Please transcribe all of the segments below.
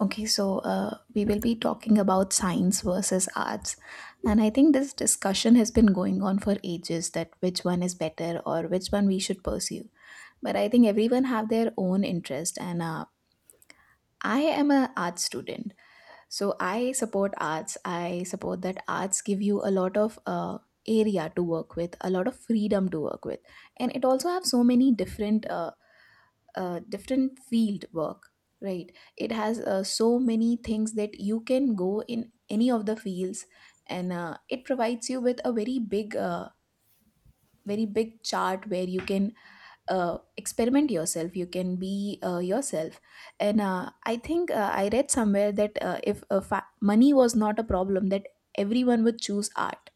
Okay, so we will be talking about science versus arts. And I think this discussion has been going on for ages that which one is better or which one we should pursue. But I think everyone have their own interest, and I am a art student. So I support arts. I support that arts give you a lot of area to work with, a lot of freedom to work with. And it also have so many different field work, right? It has so many things that you can go in any of the fields, and it provides you with a very big chart where you can experiment yourself. You can be yourself. And I think I read somewhere that if money was not a problem, that everyone would choose art.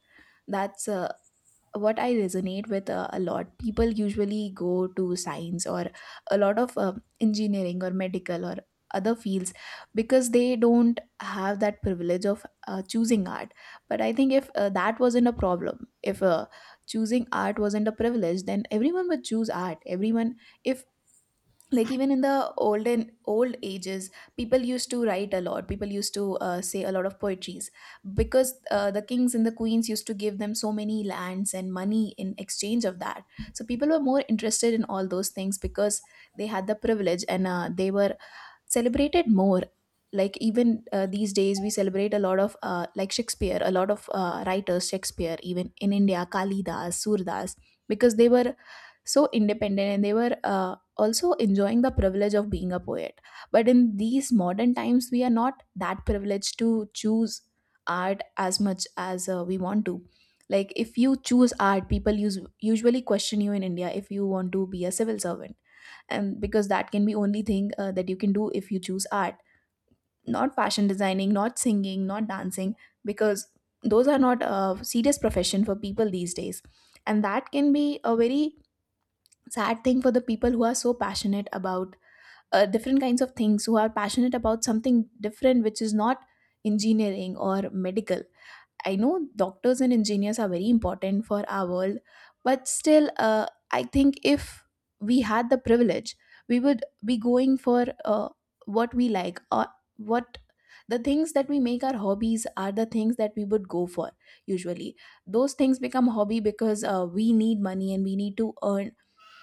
That's what I resonate with a lot. People usually go to science, or a lot of engineering or medical or other fields, because they don't have that privilege of choosing art. But I think if that wasn't a problem, if choosing art wasn't a privilege, then everyone would choose art. Everyone, if, like, even in the olden old ages, people used to write a lot. People used to say a lot of poetries, because the kings and the queens used to give them so many lands and money in exchange of that. So people were more interested in all those things because they had the privilege, and they were celebrated more. Like, even these days we celebrate a lot of, like, Shakespeare, a lot of writers. Shakespeare, even in India, Kalidas, Surdas, because they were so independent and they were also enjoying the privilege of being a poet. But in these modern times, we are not that privileged to choose art as much as we want to. Like, if you choose art, people use usually question you in India if you want to be a civil servant, and because that can be only thing that you can do if you choose art. Not fashion designing, not singing, not dancing, because those are not a serious profession for people these days. And that can be a very sad thing for the people who are so passionate about different kinds of things, who are passionate about something different which is not engineering or medical. I know doctors and engineers are very important for our world, but still, I think if we had the privilege, we would be going for what we like, or what, the things that we make our hobbies are the things that we would go for usually. Those things become hobby because we need money and we need to earn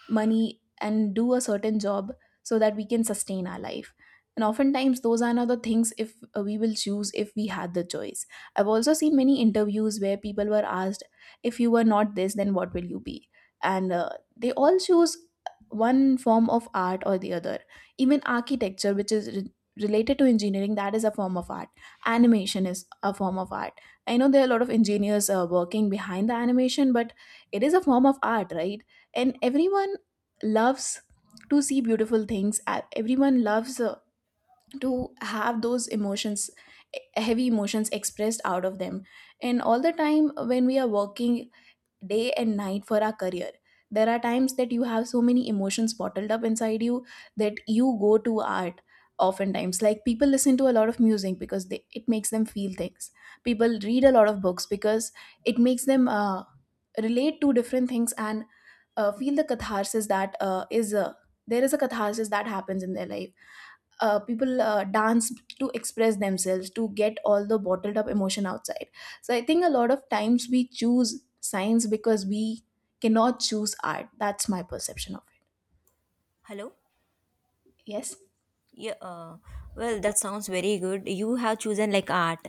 money and do a certain job so that we can sustain our life. And oftentimes those are not the things if we will choose if we had the choice. I've also seen many interviews where people were asked, if you were not this then what will you be? And they all choose one form of art or the other. Even architecture, which is related to engineering, that is a form of art. Animation is a form of art. I know there are a lot of engineers working behind the animation, but it is a form of art, right? And everyone loves to see beautiful things. Everyone loves to have those emotions, heavy emotions expressed out of them. And all the time when we are working day and night for our career. There are times that you have so many emotions bottled up inside you that you go to art oftentimes. Like, people listen to a lot of music because it makes them feel things. People read a lot of books because it makes them relate to different things and feel the catharsis that is, there is a catharsis that happens in their life. People dance to express themselves, to get all the bottled up emotion outside. So I think a lot of times we choose science because we cannot choose art. That's my perception of Hello? it. Yes, Yeah, well, that sounds very good. You have chosen like art.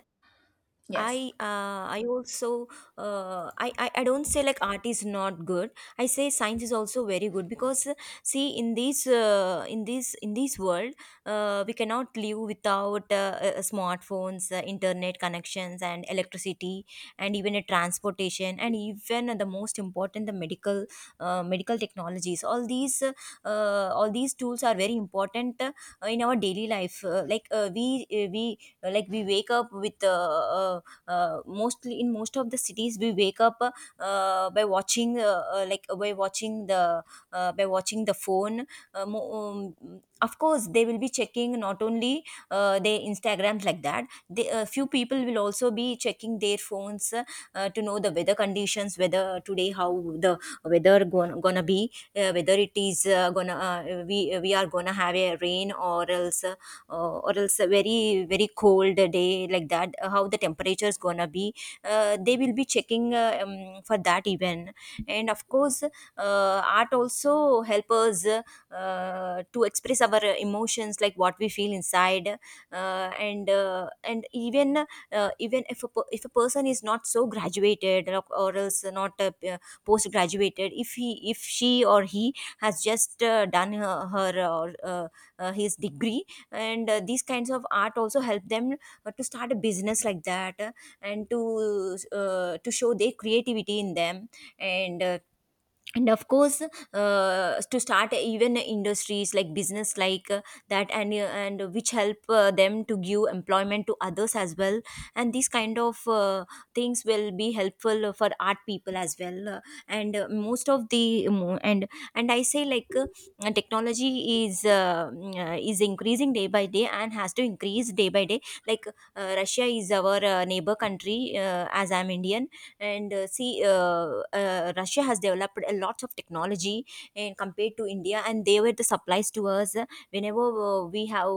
yes. I uh, I also, I don't say like art is not good. I say science is also very good because, see, in this in this world, we cannot live without smartphones, internet connections, and electricity, and even a transportation, and even the most important, the medical technologies. All these tools are very important in our daily life. We, we wake up with, uh, mostly in most of the cities we wake up, uh, by watching uh, uh, like by watching the by watching the phone. Of course they will be checking not only, their instagrams like that. They, a few people will also be checking their phones to know the weather conditions, whether today how the weather gonna be, whether it is, gonna we are gonna have a rain, or else, or else a very very cold day like that, how the temperature is gonna be. They will be checking, for that even. And of course, art also help us to express our emotions, like what we feel inside. And even, even if if a person is not so graduated, or else not, post graduated, if he, if she or he has just, done her, her or his degree. And, these kinds of art also help them to start a business like that, and to show their creativity in them. And, of course, to start even industries, like business like that and which help them to give employment to others as well. And these kind of, things will be helpful for art people as well. And most of the mo- and I say like, technology is uh, is increasing day by day and has to increase day by day. Like Russia is our, neighbor country, as I'm Indian. And see Russia has developed a lot of technology, and compared to India, and they were the supplies to us whenever,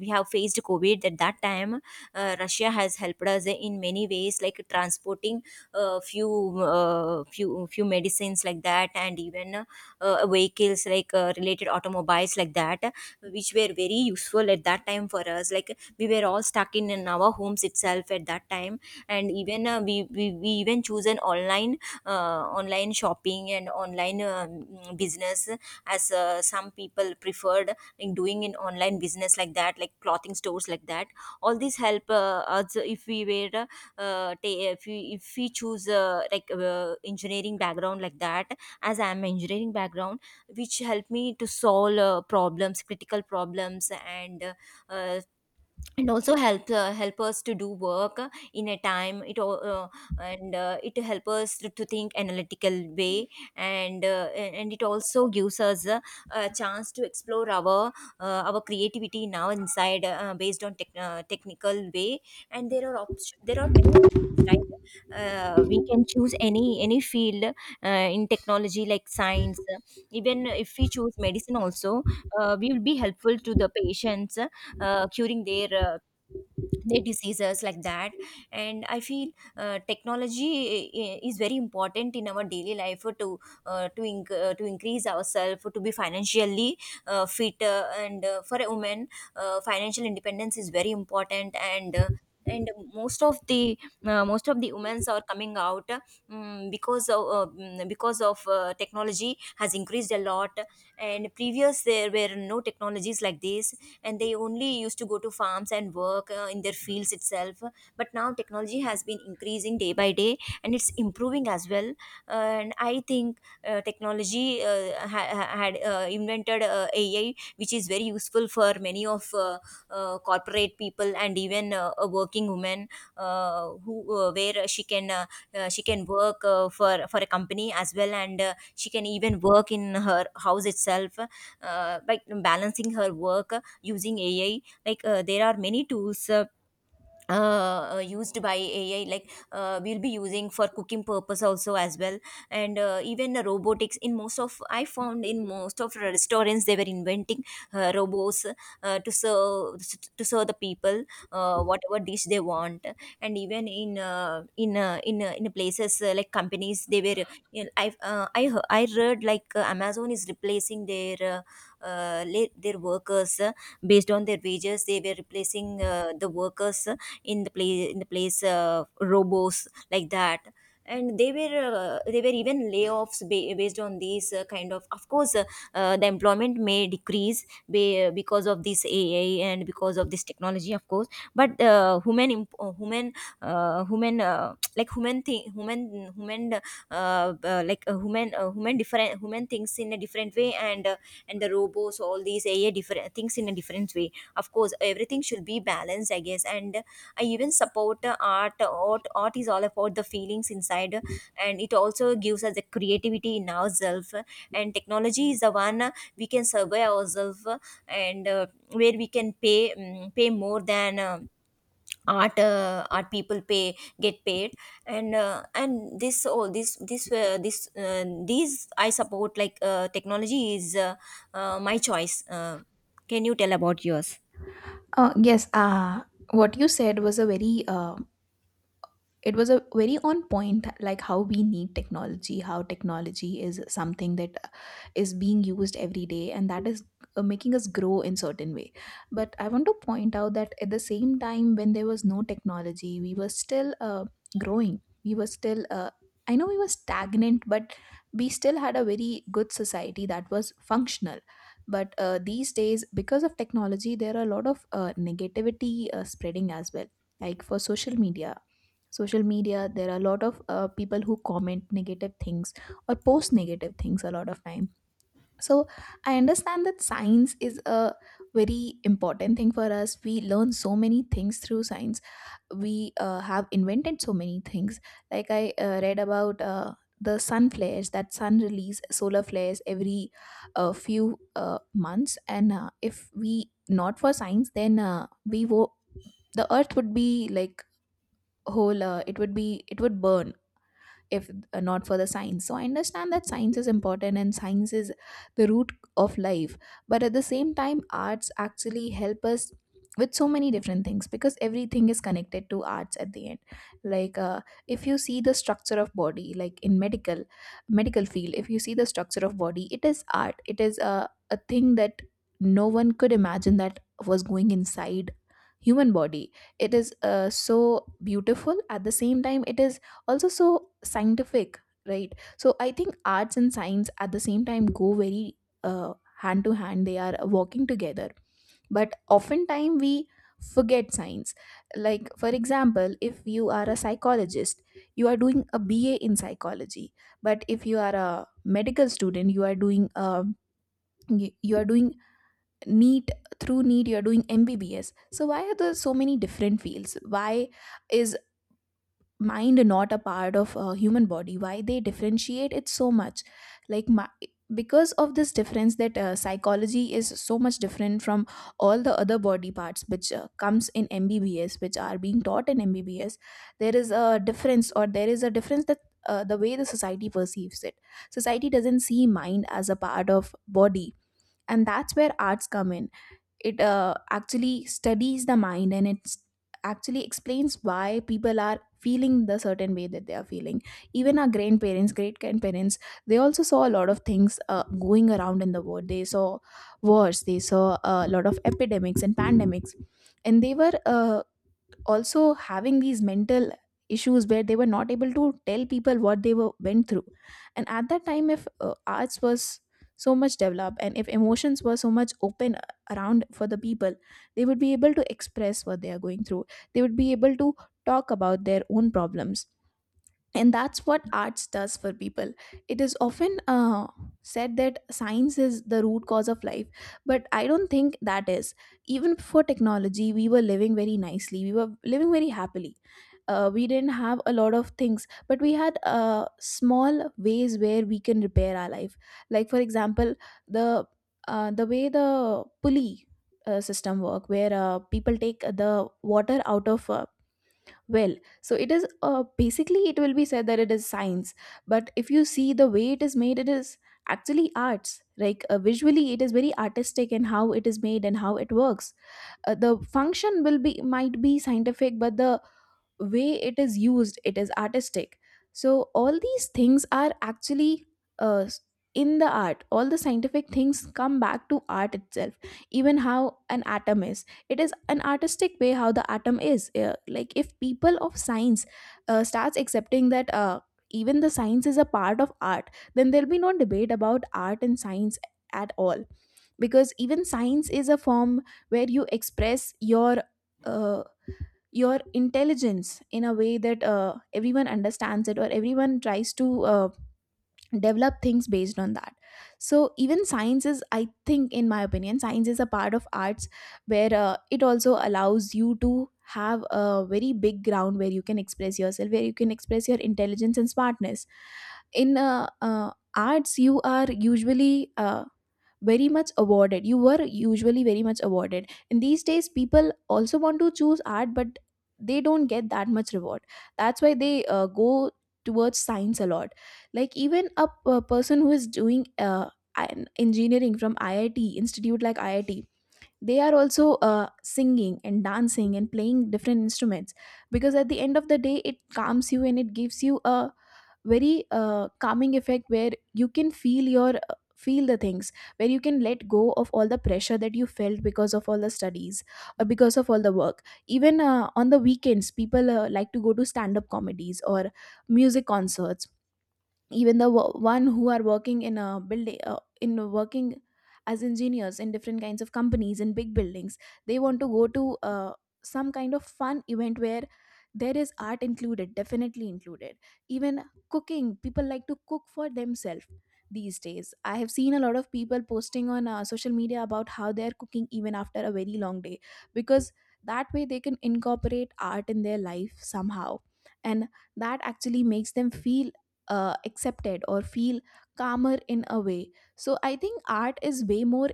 we have faced covid at that time. Russia has helped us in many ways, like transporting, uh, few few medicines like that, and even, vehicles like, related automobiles like that, which were very useful at that time for us. Like we were all stuck in our homes itself at that time. And even, we even choose an online shopping and online, business, as, some people preferred in doing in online business like that, like clothing stores like that. All these help us, if we were, if we choose, engineering background like that, as I am engineering background, which helped me to solve, problems critical problems, and, uh, also help, help us to do work in a time it al- and It help us to think analytical way. And, it also gives us a chance to explore our, our creativity now inside, based on technical way. And there are options, there are many options, right? We can choose any field, in technology, like science. Even if we choose medicine also, we will be helpful to the patients, curing their, their diseases like that. And I feel, technology is very important in our daily life, to, to increase ourselves, to be financially fit. And for a woman, financial independence is very important. And most of the, most of the women are coming out, because of, technology has increased a lot. And previous there were no technologies like this, and they only used to go to farms and work, in their fields itself. But now technology has been increasing day by day, and it's improving as well. And I think, technology had, invented, AI, which is very useful for many of, corporate people, and even, a working woman, who, where she can, she can work, for a company as well, and, she can even work in her house itself, by balancing her work using AI. Like there are many tools, used by AI, like, we'll be using for cooking purpose also as well. And, even robotics. In most of, I found in most of restaurants, they were inventing, robots uh, to serve to serve the people, whatever dish they want. And even in, in places, like companies, they were. You know, I read, like, Amazon is replacing their, their workers, based on their wages. They were replacing, the workers in the place, robos like that. And they were, they were even layoffs, based on these, kind of. Of course, the employment may decrease, because of this AI, and because of this technology, of course. But, human imp- human human like human thing human human like human human different human thinks in a different way. And, and the robots, all these AI, different things in a different way. Of course, everything should be balanced, I guess. And I even support, art is all about the feelings inside, and it also gives us the creativity in ourselves. And technology is the one, we can survey ourselves, and where we can pay, pay more than, art people pay get paid. And, and this all this this this uh, these I support like, technology is, my choice. Can you tell about yours? Yes, what you said was a very uh, it was a very on point, like how we need technology, how technology is something that is being used every day and that is making us grow in certain way. But I want to point out that at the same time when there was no technology, we were still growing, we were still I know we were stagnant, but we still had a very good society that was functional. But these days, because of technology, there are a lot of negativity spreading as well, like for social media there are a lot of people who comment negative things, or post negative things a lot of time. So I understand that science is a very important thing for us. We learn so many things through science. We have invented so many things, like I read about the sun flares, that sun release solar flares every few months. And if we not for science, then the earth would be, like, whole, it would burn if not for the science. So I understand that science is important and science is the root of life. But at the same time, arts actually help us with so many different things, because everything is connected to arts at the end. Like, if you see the structure of body, like in medical field, if you see the structure of body, it is art. It is a thing that no one could imagine that was going inside human body. It is so beautiful. At the same time, it is also so scientific, right? So I think arts and science at the same time go very uh, hand to hand. They are working together, but oftentimes we forget science. Like, for example, if you are a psychologist, you are doing a BA in psychology. But if you are a medical student, you are doing a you you are doing neat. Through neat you are doing MBBS. So why are there so many different fields? Why is mind not a part of a human body? Why they differentiate it so much? Like, because of this difference that psychology is so much different from all the other body parts, which comes in MBBS, which are being taught in MBBS. There is a difference, or there is a difference that the way the society perceives it. Society doesn't see mind as a part of body, and that's where arts come in. It actually studies the mind, and it actually explains why people are feeling the certain way that they are feeling. Even our grandparents, great grandparents, they also saw a lot of things going around in the world. They saw wars. They saw a lot of epidemics and pandemics. And they were also having these mental issues where they were not able to tell people what they were went through. And at that time, if arts was so much developed, and if emotions were so much open around for the people, they would be able to express what they are going through. They would be able to talk about their own problems. And that's what arts does for people. It is often said that science is the root cause of life, but I don't think that is. Even before technology we were living very nicely, we were living very happily. We didn't have a lot of things, but we had small ways where we can repair our life. Like, for example, the the way the pulley system work, where people take the water out of well. So it is, basically it will be said that it is science, but if you see the way it is made, it is actually arts. Like, visually, it is very artistic in how it is made and how it works. The function will be, might be scientific, but the way it is used, it is artistic. So all these things are actually uh, s- in the art, all the scientific things come back to art itself. Even how an atom is, it is an artistic way how the atom is. Like if people of science starts accepting that, even the science is a part of art, then there'll be no debate about art and science at all. Because even science is a form where you express uh, your intelligence in a way that everyone understands it, or everyone tries to develop things based on that. So even science is, I think in my opinion, science is a part of arts, where it also allows you to have a very big ground where you can express yourself, where you can express your intelligence and smartness. In arts you are usually very much awarded, you were usually very much awarded, and these days people also want to choose art, but they don't get that much reward. That's why they go towards science a lot. Like even a person who is doing an engineering from iit institute, like iit, they are also singing and dancing and playing different instruments, because at the end of the day it calms you and it gives you a very calming effect, where you can feel your feel the things, where you can let go of all the pressure that you felt because of all the studies or because of all the work. Even on the weekends people like to go to stand up comedies or music concerts. Even the one who are working in a building, in a working as engineers in different kinds of companies in big buildings, they want to go to some kind of fun event where there is art included, definitely included. Even cooking, people like to cook for themselves. These days I have seen a lot of people posting on social media about how they are cooking even after a very long day, because that way they can incorporate art in their life somehow. And that actually makes them feel accepted, or feel calmer in a way. So I think art is way more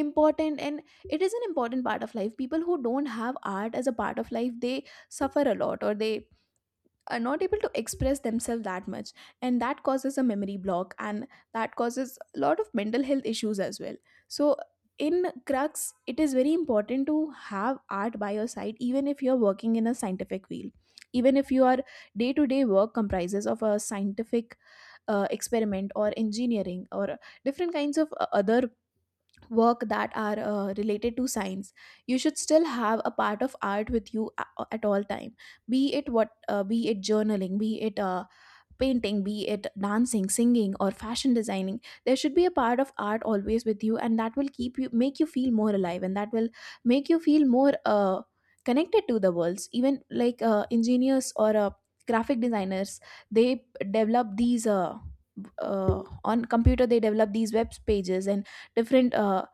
important, and it is an important part of life. People who don't have art as a part of life, they suffer a lot, or they are not able to express themselves that much, and that causes a memory block, and that causes a lot of mental health issues as well. So in crux, it is very important to have art by your side, even if you're working in a scientific field, even if your day to day work comprises of a scientific experiment, or engineering, or different kinds of other work that are related to science, you should still have a part of art with you at all time. Be it what, be it journaling, be it painting, be it dancing, singing, or fashion designing. There should be a part of art always with you, and that will keep you, make you feel more alive, and that will make you feel more connected to the worlds. Even like engineers or graphic designers, they develop these. On computer they develop these web pages and different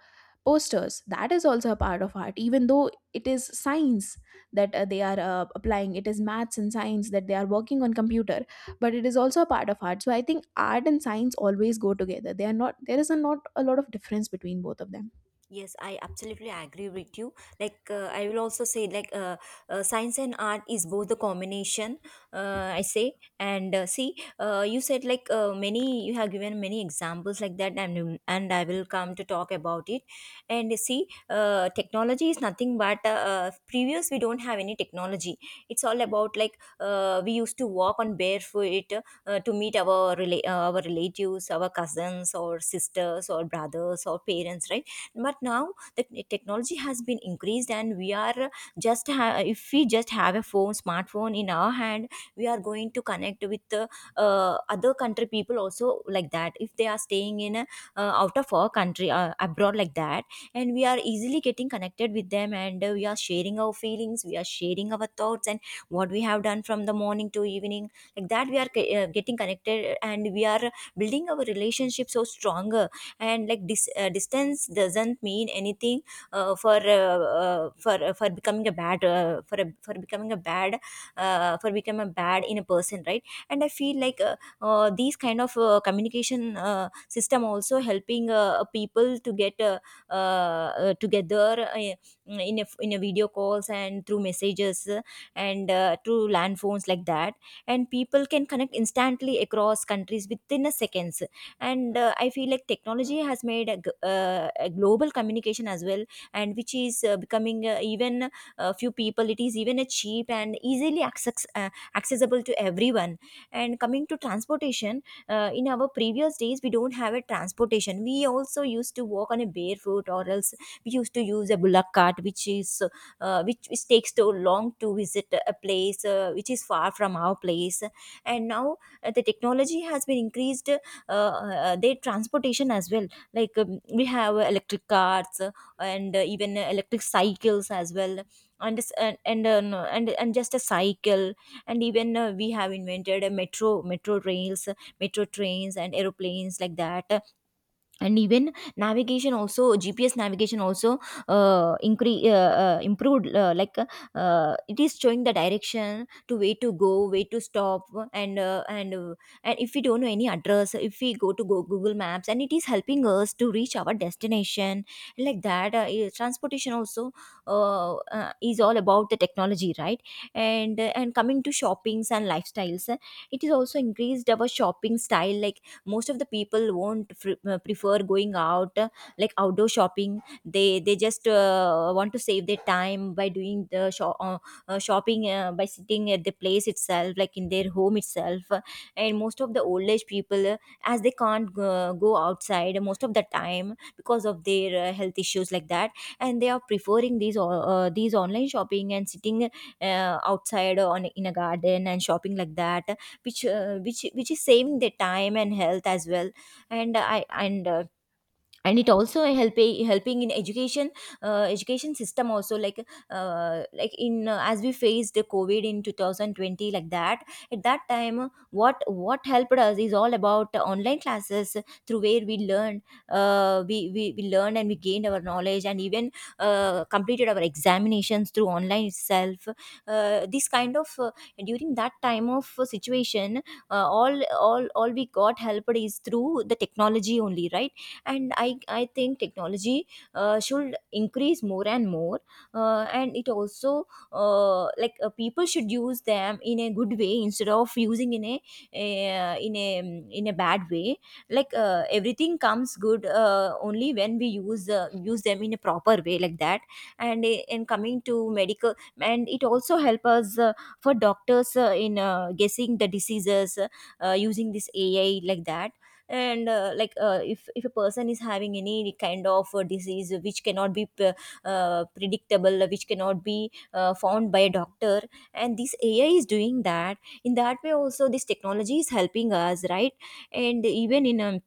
posters. That is also a part of art, even though it is science that they are applying. It is maths and science that they are working on computer, but it is also a part of art. So I think art and science always go together. They are not, there is a not a lot of difference between both of them. Yes, I absolutely agree with you. Like, I will also say, like, science and art is both the combination, I say. And, see, you said, like, many, you have given many examples like that. And, and I will come to talk about it. And see, technology is nothing but, previous, we don't have any technology. It's all about, like, we used to walk on barefoot to meet our, our relatives, our cousins, or sisters, or brothers, or parents, right? But now the technology has been increased, and we are if we just have a phone, smartphone in our hand, we are going to connect with, other country people also like that, if they are staying in a, out of our country, abroad like that. And we are easily getting connected with them, and, we are sharing our feelings, we are sharing our thoughts, and what we have done from the morning to evening, like that we are, getting connected, and we are building our relationship so stronger. And like distance doesn't mean anything, for becoming a for becoming a bad, for become a bad in a person, right? And I feel like, these kind of, communication, system also helping, people to get, together, in a video calls, and through messages, and through land phones like that. And people can connect instantly across countries within a seconds. And, I feel like technology has made a, a global communication as well, and which is, becoming, even, few people, it is even a cheap and easily accessible to everyone. And coming to transportation, in our previous days, we don't have a transportation, we also used to walk on a barefoot, or else we used to use a bullock cart, which is, which takes so long to visit a place, which is far from our place. And now, the technology has been increased, their transportation as well. Like, we have electric cars, and even electric cycles as well. And s- and and, uh, no, and and just a cycle. And even, we have invented a metro rails, metro trains, and aeroplanes like that. And even navigation also, GPS navigation also improved. It is showing the direction, to way to go, way to stop. And uh, and uh, and if we don't know any address, if we go to go Google Maps, and it is helping us to reach our destination, like that. Transportation also is all about the technology, right? And coming to shoppings and lifestyles, it is also increased our shopping style, like most of the people won't prefer going out, like outdoor shopping. They just want to save their time by doing the shop shopping, by sitting at the place itself, like in their home itself. And most of the old age people, as they can't go outside most of the time because of their health issues, like that. And they are preferring these online shopping, and sitting outside on in a garden and shopping, like that, which is saving their time and health as well. And i and uh, and it also helping in education, education system also, like in as we faced the COVID in 2020, like that. At that time, what helped us is all about online classes, through where we learned, we learned and we gained our knowledge, and even completed our examinations through online itself. This kind of During that time of situation, all we got helped is through the technology only, right? And I think technology should increase more and more. And it also, people should use them in a good way, instead of using in a in a a bad way. Like, everything comes good only when we use them in a proper way, like that. In coming to medical, and it also help us, for doctors, in guessing the diseases, using this AI, like that. And if a person is having any kind of disease which cannot be predictable, which cannot be found by a doctor, and this AI is doing that. In that way also, this technology is helping us, right? And even in, um,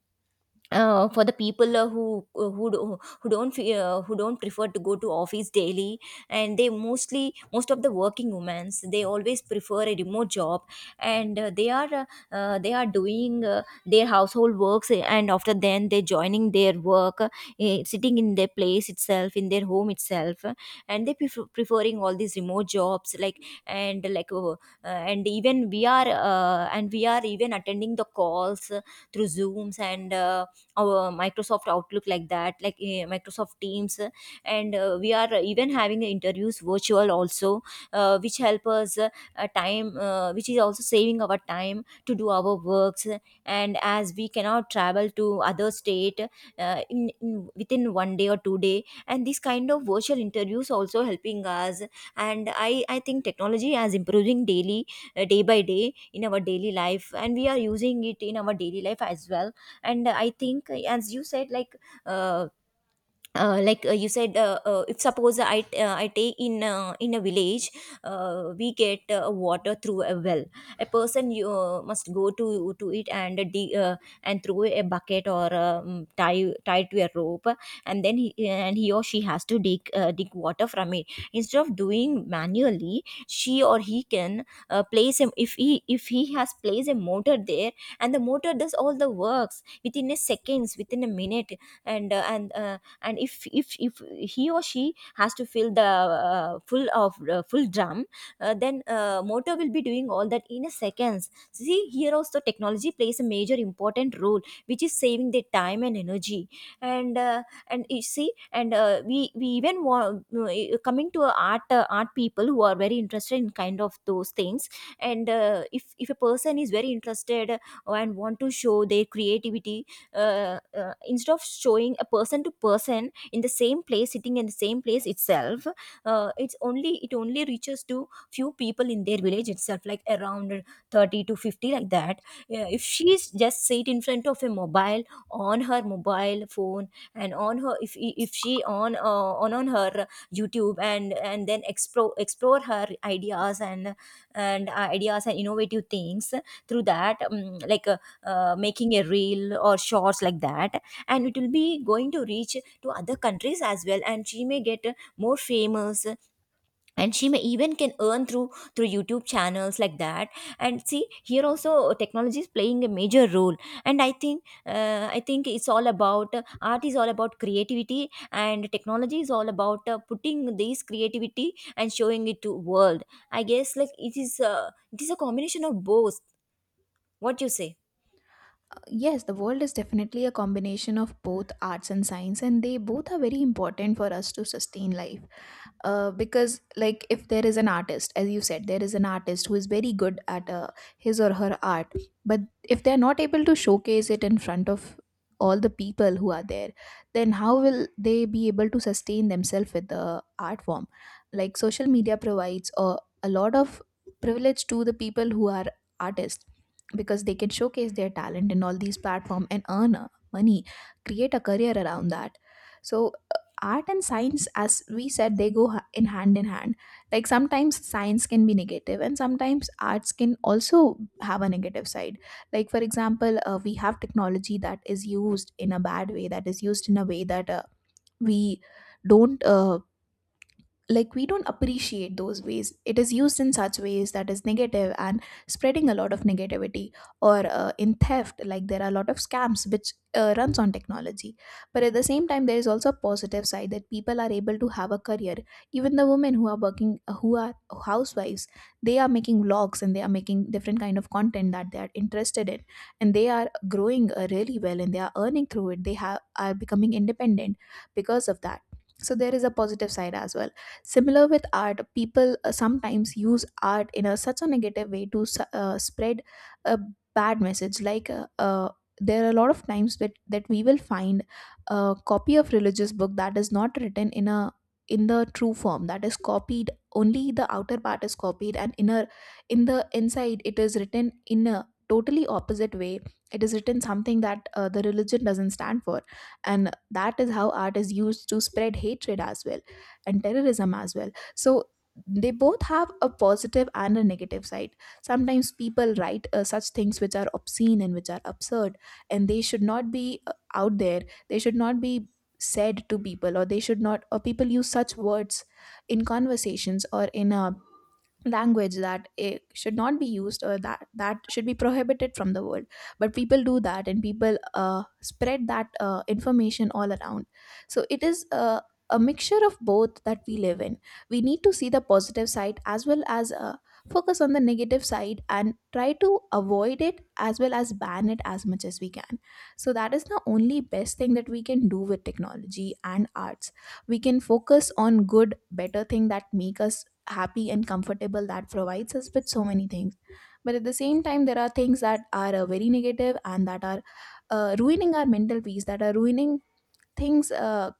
uh, for the people who do, who don't fe- who don't prefer to go to office daily. And they mostly most of the working women, they always prefer a remote job. And uh, they are uh, uh, they are doing their household works, and after then they joining their work, sitting in their place itself, in their home itself. And they preferring all these remote jobs, like, and and even we are and we are even attending the calls through Zooms and our Microsoft Outlook, like that, like Microsoft Teams. And we are even having the interviews virtual also, which help us, time which is also saving our time to do our works. And as we cannot travel to other state in within one day or 2 day, and this kind of virtual interviews also helping us. And I think technology is improving daily, day by day in our daily life, and we are using it in our daily life as well. And I think as you said, uh, like, you said, if suppose I take in a village, we get water through a well. A person you must go to it and dig, and throw a bucket, or tie to a rope, and then he or she has to dig water from it. Instead of doing manually, she or he can place him, if he has placed a motor there, and the motor does all the works within a seconds, within a minute. And uh, and uh, and if he or she has to fill the full drum, then motor will be doing all that in a seconds. See, here also technology plays a major important role, which is saving the time and energy. And uh, and you see, and we even want coming to art, people who are very interested in kind of those things. And if a person is very interested and want to show their creativity, instead of showing a person to person in the same place, sitting in the same place itself, it only reaches to few people in their village itself, like around 30 to 50, like that. Yeah, if she's just sit in front of a mobile, on her mobile phone, and on her, if she on her YouTube, and then explore her ideas, and ideas and innovative things through that, making a reel or shorts, like that. And it will be going to reach to other countries as well, and she may get more famous, and she may even can earn through YouTube channels, like that. And see, here also technology is playing a major role. And I think it's all about, art is all about creativity, and technology is all about putting this creativity and showing it to world. I guess, like, it is a combination of both. What you say? Yes, the world is definitely a combination of both arts and science, and they both are very important for us to sustain life. Because like, if there is an artist, as you said, there is an artist who is very good at his or her art, but if they're not able to showcase it in front of all the people who are there, then how will they be able to sustain themselves with the art form? Like social media provides a lot of privilege to the people who are artists, because they can showcase their talent in all these platforms and earn money, create a career around that. So art and science, as we said, they go in hand in hand. Like sometimes science can be negative, and sometimes arts can also have a negative side. Like for example, we have technology that is used in a bad way, that is used in a way that we don't like, we don't appreciate those ways. It is used in such ways that is negative and spreading a lot of negativity, or in theft. Like there are a lot of scams which runs on technology. But at the same time, there is also a positive side, that people are able to have a career. Even the women who are working, who are housewives, they are making vlogs, and they are making different kind of content that they are interested in, and they are growing really well, and they are earning through it, they have are becoming independent because of that. So there is a positive side as well. Similar with art, people sometimes use art in a, such a negative way to spread a bad message. Like, there are a lot of times that we will find a copy of religious book that is not written in a in the true form, that is copied, only the outer part is copied, and inner, in the inside it is written in a totally opposite way. It is written something that the religion doesn't stand for, and that is how art is used to spread hatred as well, and terrorism as well. So they both have a positive and a negative side. Sometimes people write such things which are obscene and which are absurd, and they should not be out there, they should not be said to people, or they should not, or people use such words in conversations, or in language that it should not be used, or that should be prohibited from the world. But people do that, and people spread that information all around. So it is a mixture of both that we live in. We need to see the positive side, as well as focus on the negative side and try to avoid it, as well as ban it as much as we can. So that is the only best thing that we can do with technology and arts. We can focus on good, better thing that make us happy and comfortable, that provides us with so many things. But at the same time, there are things that are very negative, and that are ruining our mental peace, that are ruining things uh,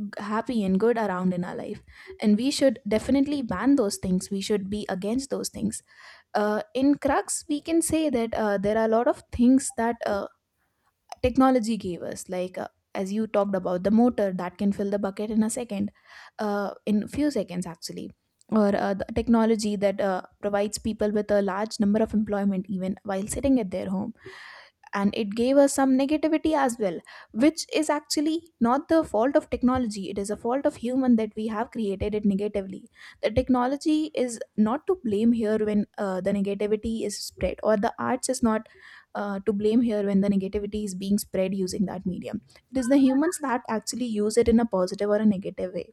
g- happy and good around in our life, and we should definitely ban those things, we should be against those things. In crux, we can say that there are a lot of things that technology gave us, like as you talked about, the motor that can fill the bucket in a second, in few seconds actually, or the technology that provides people with a large number of employment even while sitting at their home. And it gave us some negativity as well, which is actually not the fault of technology, it is a fault of human that we have created it negatively. The technology is not to blame here when the negativity is spread, or the arts is not to blame here when the negativity is being spread using that medium. It is the humans that actually use it in a positive or a negative way.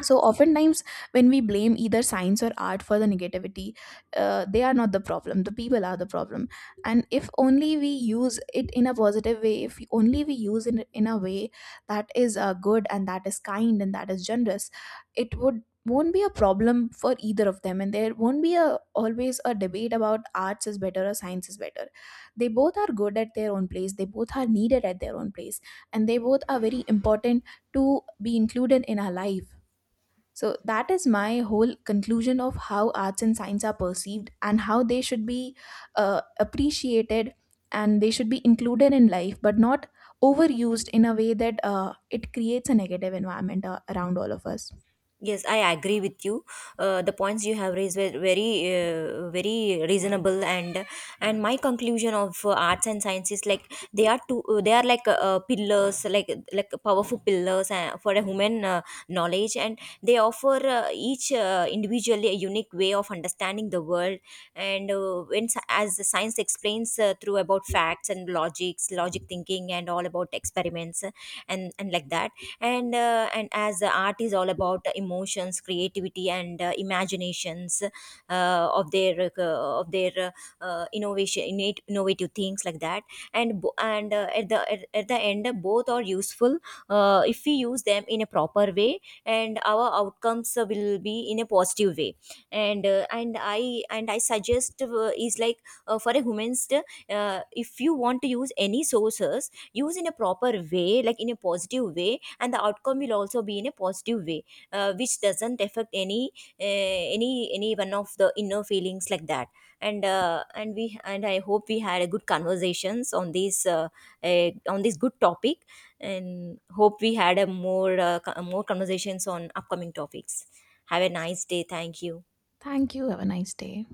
So oftentimes when we blame either science or art for the negativity, they are not the problem, the people are the problem. And if only we use it in a positive way, if only we use it in a way that is good, and that is kind, and that is generous, it would won't be a problem for either of them, and there won't be a always a debate about arts is better or science is better. They both are good at their own place, they both are needed at their own place, and they both are very important to be included in our life. So that is my whole conclusion of how arts and science are perceived, and how they should be appreciated, and they should be included in life, but not overused in a way that it creates a negative environment around all of us. Yes, I agree with you. The points you have raised were very reasonable, and my conclusion of arts and science is, like, they are like pillars, like powerful pillars for a human knowledge, and they offer each individually a unique way of understanding the world. As the science explains through about facts and logic thinking, and all about experiments, and like that. And as art is all about emotions, creativity, and imaginations, of their, innovation innate innovative things, like that. And at the end, both are useful, if we use them in a proper way, and our outcomes will be in a positive way. And I suggest, is like, for a woman's, if you want to use any sources, use in a proper way, like in a positive way, and the outcome will also be in a positive way, which doesn't affect any one of the inner feelings, like that. And I hope we had a good conversations on this good topic, and hope we had a more, more conversations on upcoming topics. Have a nice day. Thank you. Thank you. Have a nice day.